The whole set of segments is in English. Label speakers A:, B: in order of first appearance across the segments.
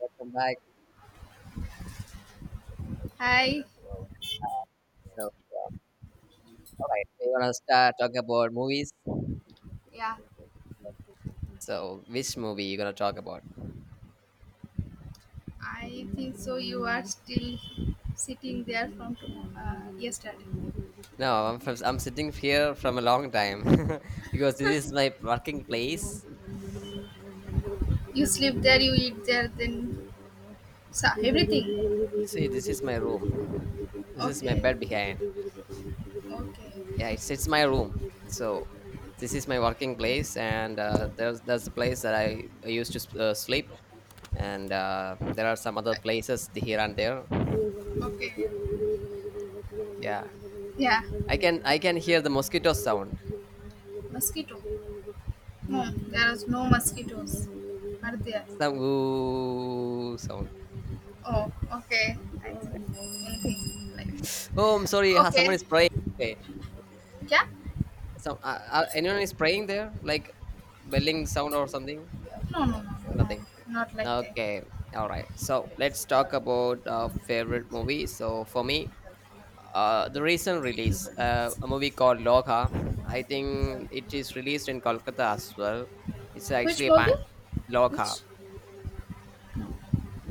A: Welcome back.
B: Hi,
A: So, all right, we're gonna start talking about movies.
B: yeah,
A: So, which movie you gonna talk about?
B: I think so. You are still sitting there from yesterday.
A: No, I'm sitting here from a long time because this is my working place.
B: You sleep there, you eat there, then so everything.
A: See, this is my room. This is my
B: Okay,
A: bed behind. Yeah,
B: okay,
A: it's my room. So, this is my working place, and there's the place that I used to sleep, and there are some other places here and there.
B: okay.
A: Yeah,
B: Yeah,
A: I can hear the mosquito sound.
B: mosquito. No, there is no mosquitoes. Are there?
A: Some ooh sound.
B: Oh, okay. I think anything like
A: Oh, I'm sorry. Ha, someone
B: okay.
A: is praying. Okay.
B: Yeah.
A: Some anyone is praying there, like belling sound or something.
B: No, no, no, no, no,
A: Nothing.
B: not like that.
A: Okay. All right. So let's talk about favorite movie. So for me, the recent release, a movie called Logha. I think it is released in Kolkata as well. It's
B: Which
A: actually a pan-
B: movie?
A: Logha.
B: Which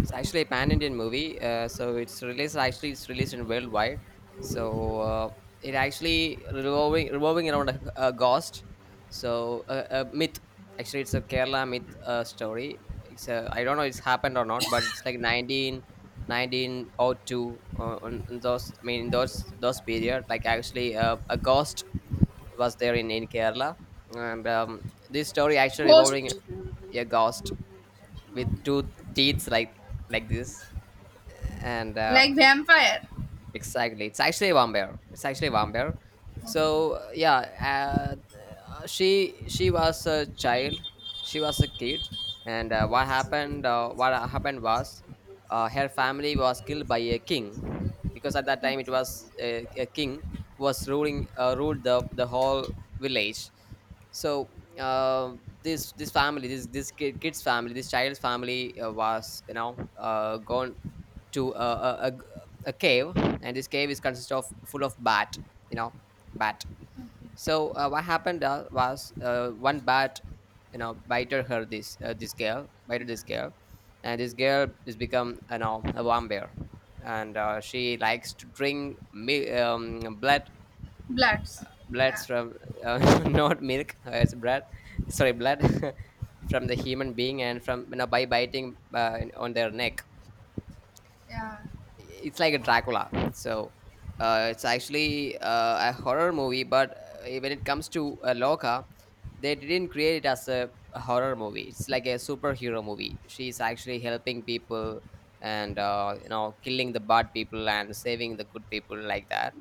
A: It's actually a pan-Indian movie. So it's released, actually it's released in worldwide. So uh, it actually revolving around a ghost. A myth. Actually, it's a Kerala myth story. It's a, I don't know it's happened or not, but it's like nineteen o two. On those. I mean, in those period, like actually a ghost was there in Kerala, and this story actually
B: ghost?
A: revolving a ghost with two teeth like this and
B: Like vampire.
A: exactly, it's actually a vampire, it's actually a vampire. so uh, yeah uh, she was a child. She was a kid, and what happened was, her family was killed by a king because at that time it
B: Yeah.
A: was a king who was ruling ruled the whole village. So uh, this this family this this kid, kid's family, this child's family was, you know, gone to a a cave, and this cave is consist of full of bat, you know, bat. So what happened was one bat, you know, bited her this this girl bited this girl, and this girl is become, you know, a vampire, and she likes to drink blood.
B: Bloods.
A: Bloods
B: Yeah.
A: from uh, not milk, it's blood. Sorry, blood from the human being, and from, you know, by biting on their neck.
B: Yeah.
A: It's like a Dracula. It's actually a horror movie, but when it comes to Loka, they didn't create it as a horror movie. It's like a superhero movie. She's actually helping people, and you know, killing the bad people and saving the good people like that.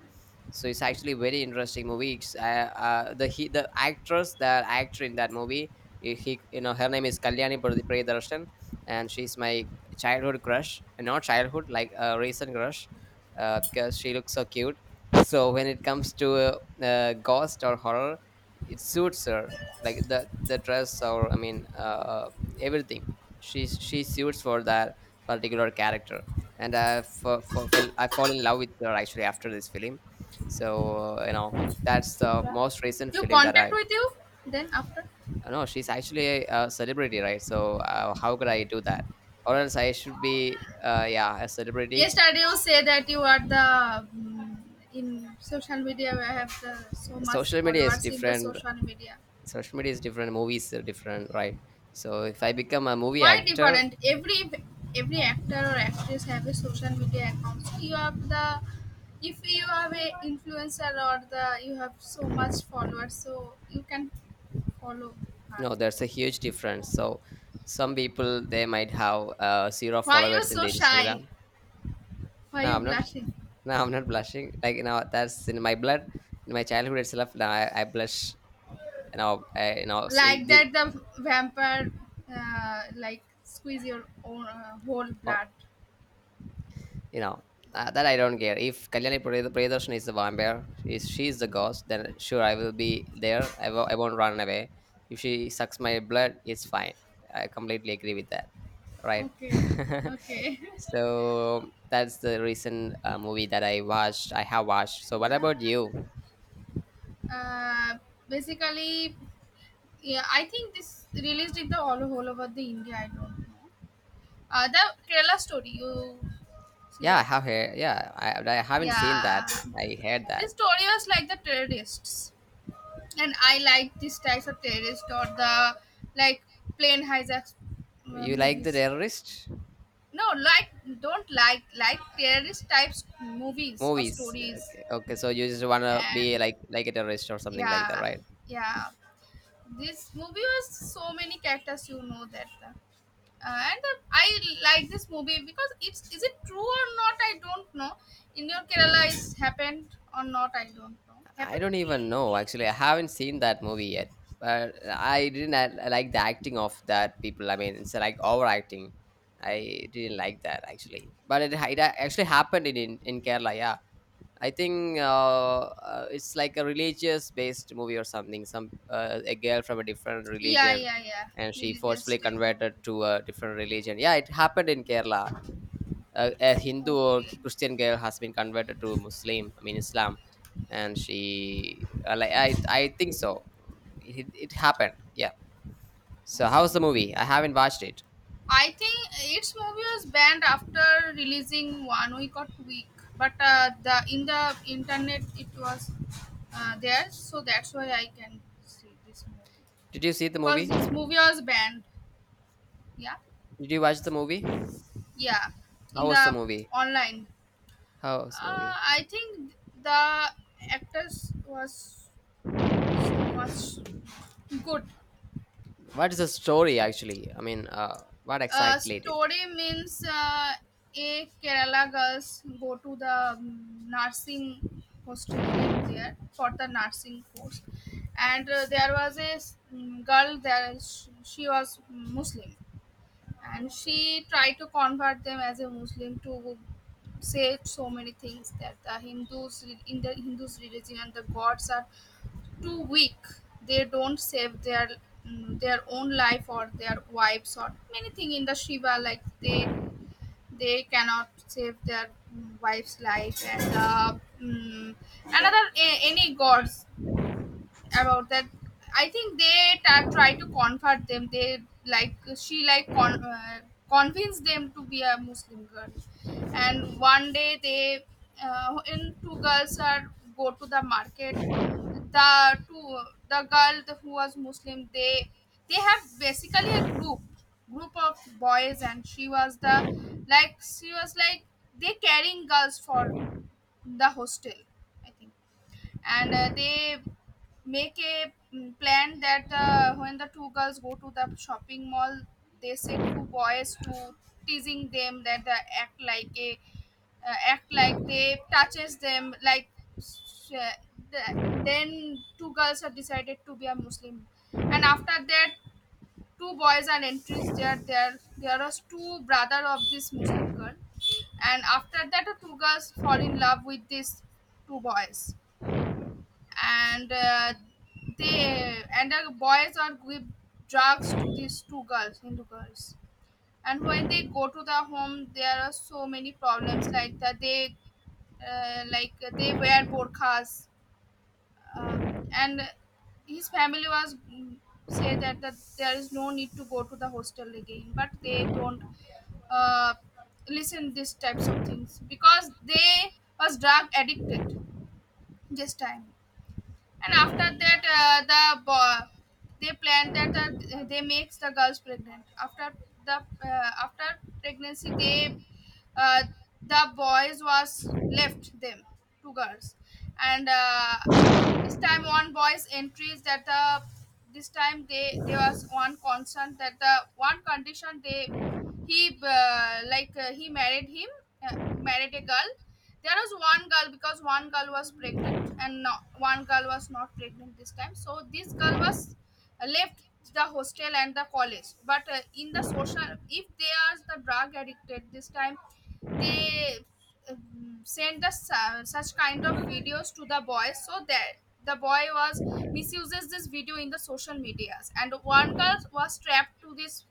A: So it's actually very interesting movie. It's, the he, the actress, the actor in that movie, you know, her name is Kalyani Priyadarshan, and she's my childhood crush, not childhood, like a recent crush, because she looks so cute. So when it comes to ghost or horror, it suits her, like the dress, or I mean everything. She suits for that particular character, and I f- f- fell I fall in love with her actually after this film. You know, that's the most recent
B: You
A: film that
B: contact
A: I...
B: with you then after?
A: no, she's actually a celebrity, right? How could I do that? Or else I should be, yeah, a celebrity.
B: Yesterday you say that you are the in social media I have the so much
A: Social media is
B: followers in the
A: different.
B: social media.
A: Social media is different. Movies are different, right? So if I become a movie
B: Why
A: actor...
B: different? Every actor or actress have a social media account. So you have the if you have a influencer or the you have so much followers so you can follow her.
A: no, there's a huge difference. So some people, they might have zero
B: Why you
A: followers in
B: so
A: the
B: shy?
A: Instagram.
B: Why
A: No,
B: you
A: I'm not.
B: blushing?
A: No, I'm not blushing. Like, you know, that's in my blood, in my childhood itself. Now I blush. You know you know, in
B: Like
A: the...
B: that the vampire like squeeze your own whole blood.
A: You know, that I don't care. If Kalyani Priyadarshan is the vampire, is she is the ghost, then sure, I will be there. I won't run away. If she sucks my blood, it's fine. I completely agree with that, right?
B: Okay. Okay.
A: So that's the recent movie that I watched. I have watched. So what
B: Yeah,
A: about you?
B: uh, basically yeah I think this released in the all over the India I don't know the Kerala story you see
A: Yeah, I
B: that.
A: have heard. Yeah, I haven't seen
B: Yeah,
A: that. I heard
B: this
A: that.
B: story was like the terrorists, and I like these types of terrorists or the like plane hijacks
A: You like the
B: movies.
A: terrorist
B: No, like don't like terrorist types movies or
A: movies?
B: stories,
A: Okay, okay. So you just wanna be
B: and
A: like a terrorist or something like that,
B: yeah,
A: right?
B: yeah. This movie was so many characters, you know that. And I like this movie because it's is it true or not? I don't know. In your Kerala, it's happened or not? I don't know.
A: I
B: Happened?
A: don't even know. Actually, I haven't seen that movie yet, but I didn't a- like the acting of that people. I mean, it's like overacting. I didn't like that actually, but it actually happened in in Kerala. Yeah, I think it's like a religious based movie or something. Some a girl from a different
B: Yeah,
A: religion,
B: yeah, yeah.
A: and she
B: Religious
A: forcefully
B: type movie.
A: converted to a different religion. Yeah, it happened in Kerala. A Hindu or
B: Okay,
A: Christian girl has been converted to Muslim. I mean Islam, and she like I think so. It happened. Yeah. So how's the
B: okay.
A: movie? I haven't watched it.
B: I think its movie was banned after releasing one week or two week, but the in the internet it was there, so that's why I can see this movie
A: Did you see the
B: because
A: movie?
B: this movie was banned. Yeah,
A: Did you watch the movie?
B: yeah,
A: How
B: in
A: was the
B: the
A: movie?
B: online.
A: How was the movie?
B: I think the actors was so much good.
A: What is the story actually? I mean, what exactly it is?
B: Story means a Kerala girls go to the nursing hostel, live there for the nursing course, and there was a girl there. She was Muslim, and she tried to convert them as a Muslim to say so many things, that the Hindus in the Hindus religion and the gods are too weak. They don't save their their own life or their wives or anything in the Shiva. Like they cannot save their wife's life and the mm, another any gods about that. I think they try to convert them. They like, she like convinced them to be a Muslim girl. And one day they in two girls are go to the market, the two, the girl who was Muslim. They have basically a group of boys, and she was the, like she was like they carrying girls for the hostel I think. And they make a plan that when the two girls go to the shopping mall, they said two boys to teasing them, that they act like a act like they touches them like sh- the, then two girls are decided to be a Muslim. And after that two boys are entries there, are two brother of this Muslim girl. And after that the two girls fall in love with these two boys, and they and the boys are give drugs to these two girls Hindu girls. And when they go to the home there are so many problems like that they like they wear burqas uh, and his family was say that there is no need to go to the hostel again, but they don't uh, listen these types of things because they was drug addicted this time. And after that the boy they planned that, they makes the girls pregnant the after pregnancy. Uh, the boys was left them, two girls. And this time one boy's entries that the, this time they, there was one concern that the, one condition they, he like he married him, married a girl. There was one girl because one girl was pregnant, and no, one girl was not pregnant this time, so this girl was left the hostel and the college. But in the social, if they are the drug addicted this time, they send the such kind of videos to the boys, so that the boy was misuses this video in the social medias, and one girl was trapped to this,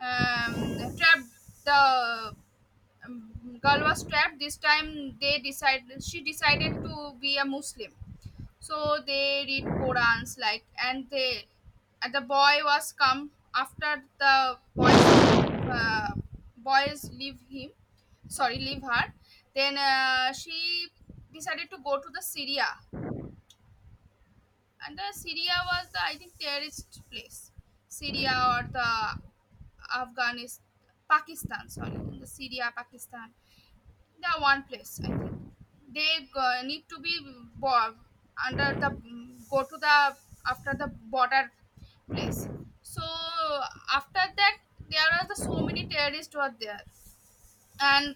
B: trapped the girl was trapped this time. They decided, she decided to be a Muslim. So they read Qurans like, and they, and the boy was come after, the boys uh, boys leave him, sorry, leave her. Then she decided to go to the Syria. And Syria was the, I think, terrorist place, Syria or the Afghanistan, Pakistan. Sorry, in the Syria, Pakistan, they are one place. I think they need to be bo- under the, go to the, after the border place. So after that, there are the so many terrorists were there, and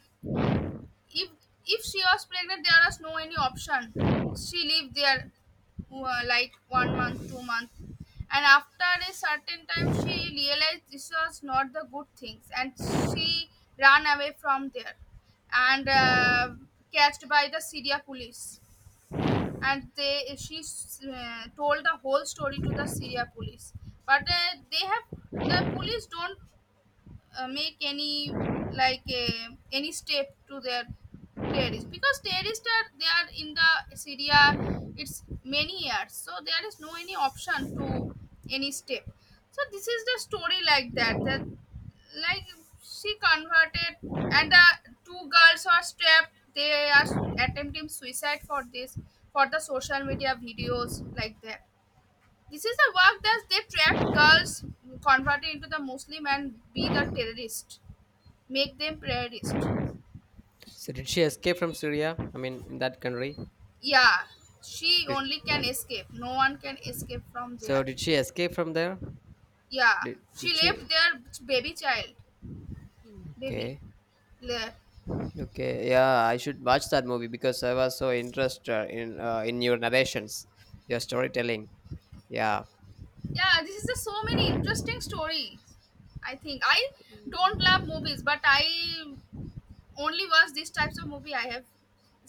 B: if if she was pregnant there was no any option, she lived there like one month two month. And after a certain time she realized this was not the good things, and she ran away from there, and catched by the Syria police. And they she told the whole story to the Syria police, but they have, the police don't make any, like any step to their terrorists, because terrorists are, they are in the Syria. It's many years, so there is no any option to any step. So this is the story, like that, that, like she converted, and the two girls are trapped, they are attempting suicide for this, for the social media videos like that. This is a work that they trapped girls, converted into the Muslim and be the terrorist, make them terrorist.
A: So did she escape from Syria? I mean, in that country?
B: Yeah, she
A: Did,
B: only can escape. No one can escape from
A: so
B: there.
A: did she escape from there?
B: Yeah, she
A: Did
B: left
A: she?
B: their baby child, baby.
A: Okay.
B: Le-
A: Okay. Yeah, I should watch that movie because I was so interested in your narrations, your storytelling. Yeah.
B: Yeah, this is a so many interesting stories. I think I don't love movies, but I only watch these types of movie I have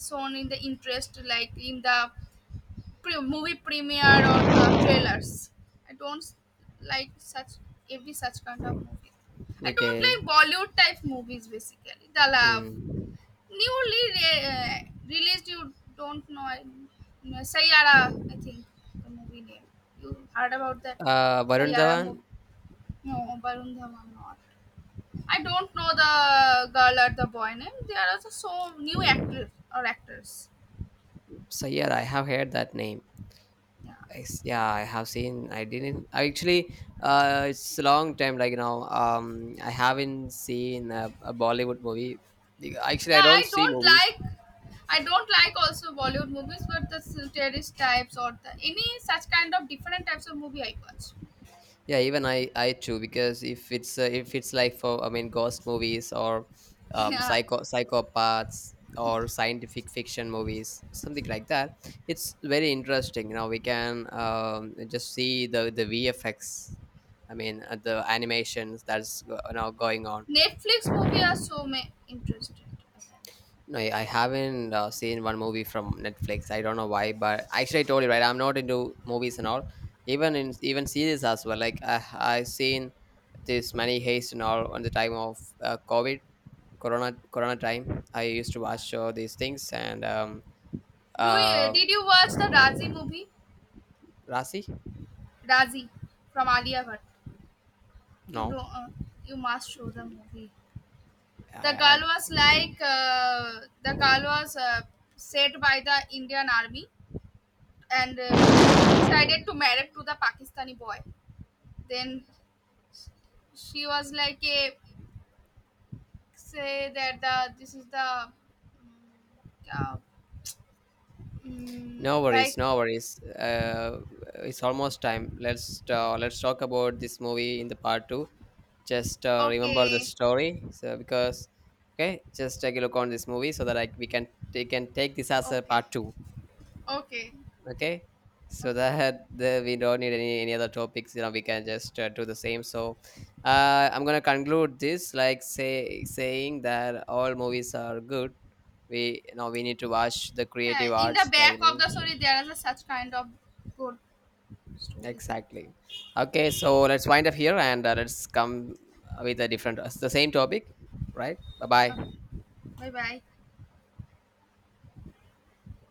B: shown in the interest, like in the movie premiere or the trailers. I don't like such, every such kind of movies. I don't
A: Okay.
B: like Bollywood type movies basically. The love
A: Mm.
B: newly released. You don't know. No, Sayara, I think the movie name. You heard about that
A: Varun
B: Sayara
A: Dhawan.
B: movie? No, Varun Dhawan not. I don't know the girl or the boy name. There are also so new actors or actors.
A: So yeah, I have heard that name.
B: Yeah.
A: I s yeah, I have seen. I didn't. I actually, it's a long time. Like, you know, I haven't seen a Bollywood movie. Be- Actually, I
B: Yeah,
A: don't see movies.
B: I don't like also Bollywood movies, but the terrorist types or the any such kind of different types of movie I watch.
A: Yeah, even I too, because if it's like for I mean ghost movies or
B: Yeah,
A: psycho psychopaths or scientific fiction movies something like that, it's very interesting, you know, we can just see the VFX. I mean the animations that's go- you going on.
B: Netflix movie are so interested.
A: No, I haven't seen one movie from Netflix. I don't know why, but actually, I told you right. I'm not into movies and all, even in even series as well. Like I seen this many haste and all on the time of COVID, Corona, Corona time. I used to
B: Yeah,
A: watch these things and
B: do you
A: uh,
B: did you watch the Razi movie,
A: Rasi.
B: razi from Alia Bhatt? You don't,
A: No,
B: you must show the movie. The
A: I I,
B: girl was set by the Indian army, and decided to marry to the Pakistani boy. Then she was like a, say that the, this is the uh,
A: No worries,
B: like,
A: no worries. It's almost time. Let's talk about this movie in the part two. Just remember the
B: okay,
A: story, so because okay, just take a look on this movie so that we can take this as a
B: okay,
A: part two.
B: okay,
A: Okay, so
B: okay.
A: that the, we don't need any other topics. You know, we can just do the same. So I'm gonna conclude this like saying that all movies are good. We, you know, we need to watch the
B: Yeah,
A: creative
B: in the
A: arts by the
B: back of
A: movie.
B: the story there is a such kind of good stories are there.
A: Exactly. Okay, so let's wind up here and let's come with a different, the same topic, right? Bye bye.
B: Okay, bye bye.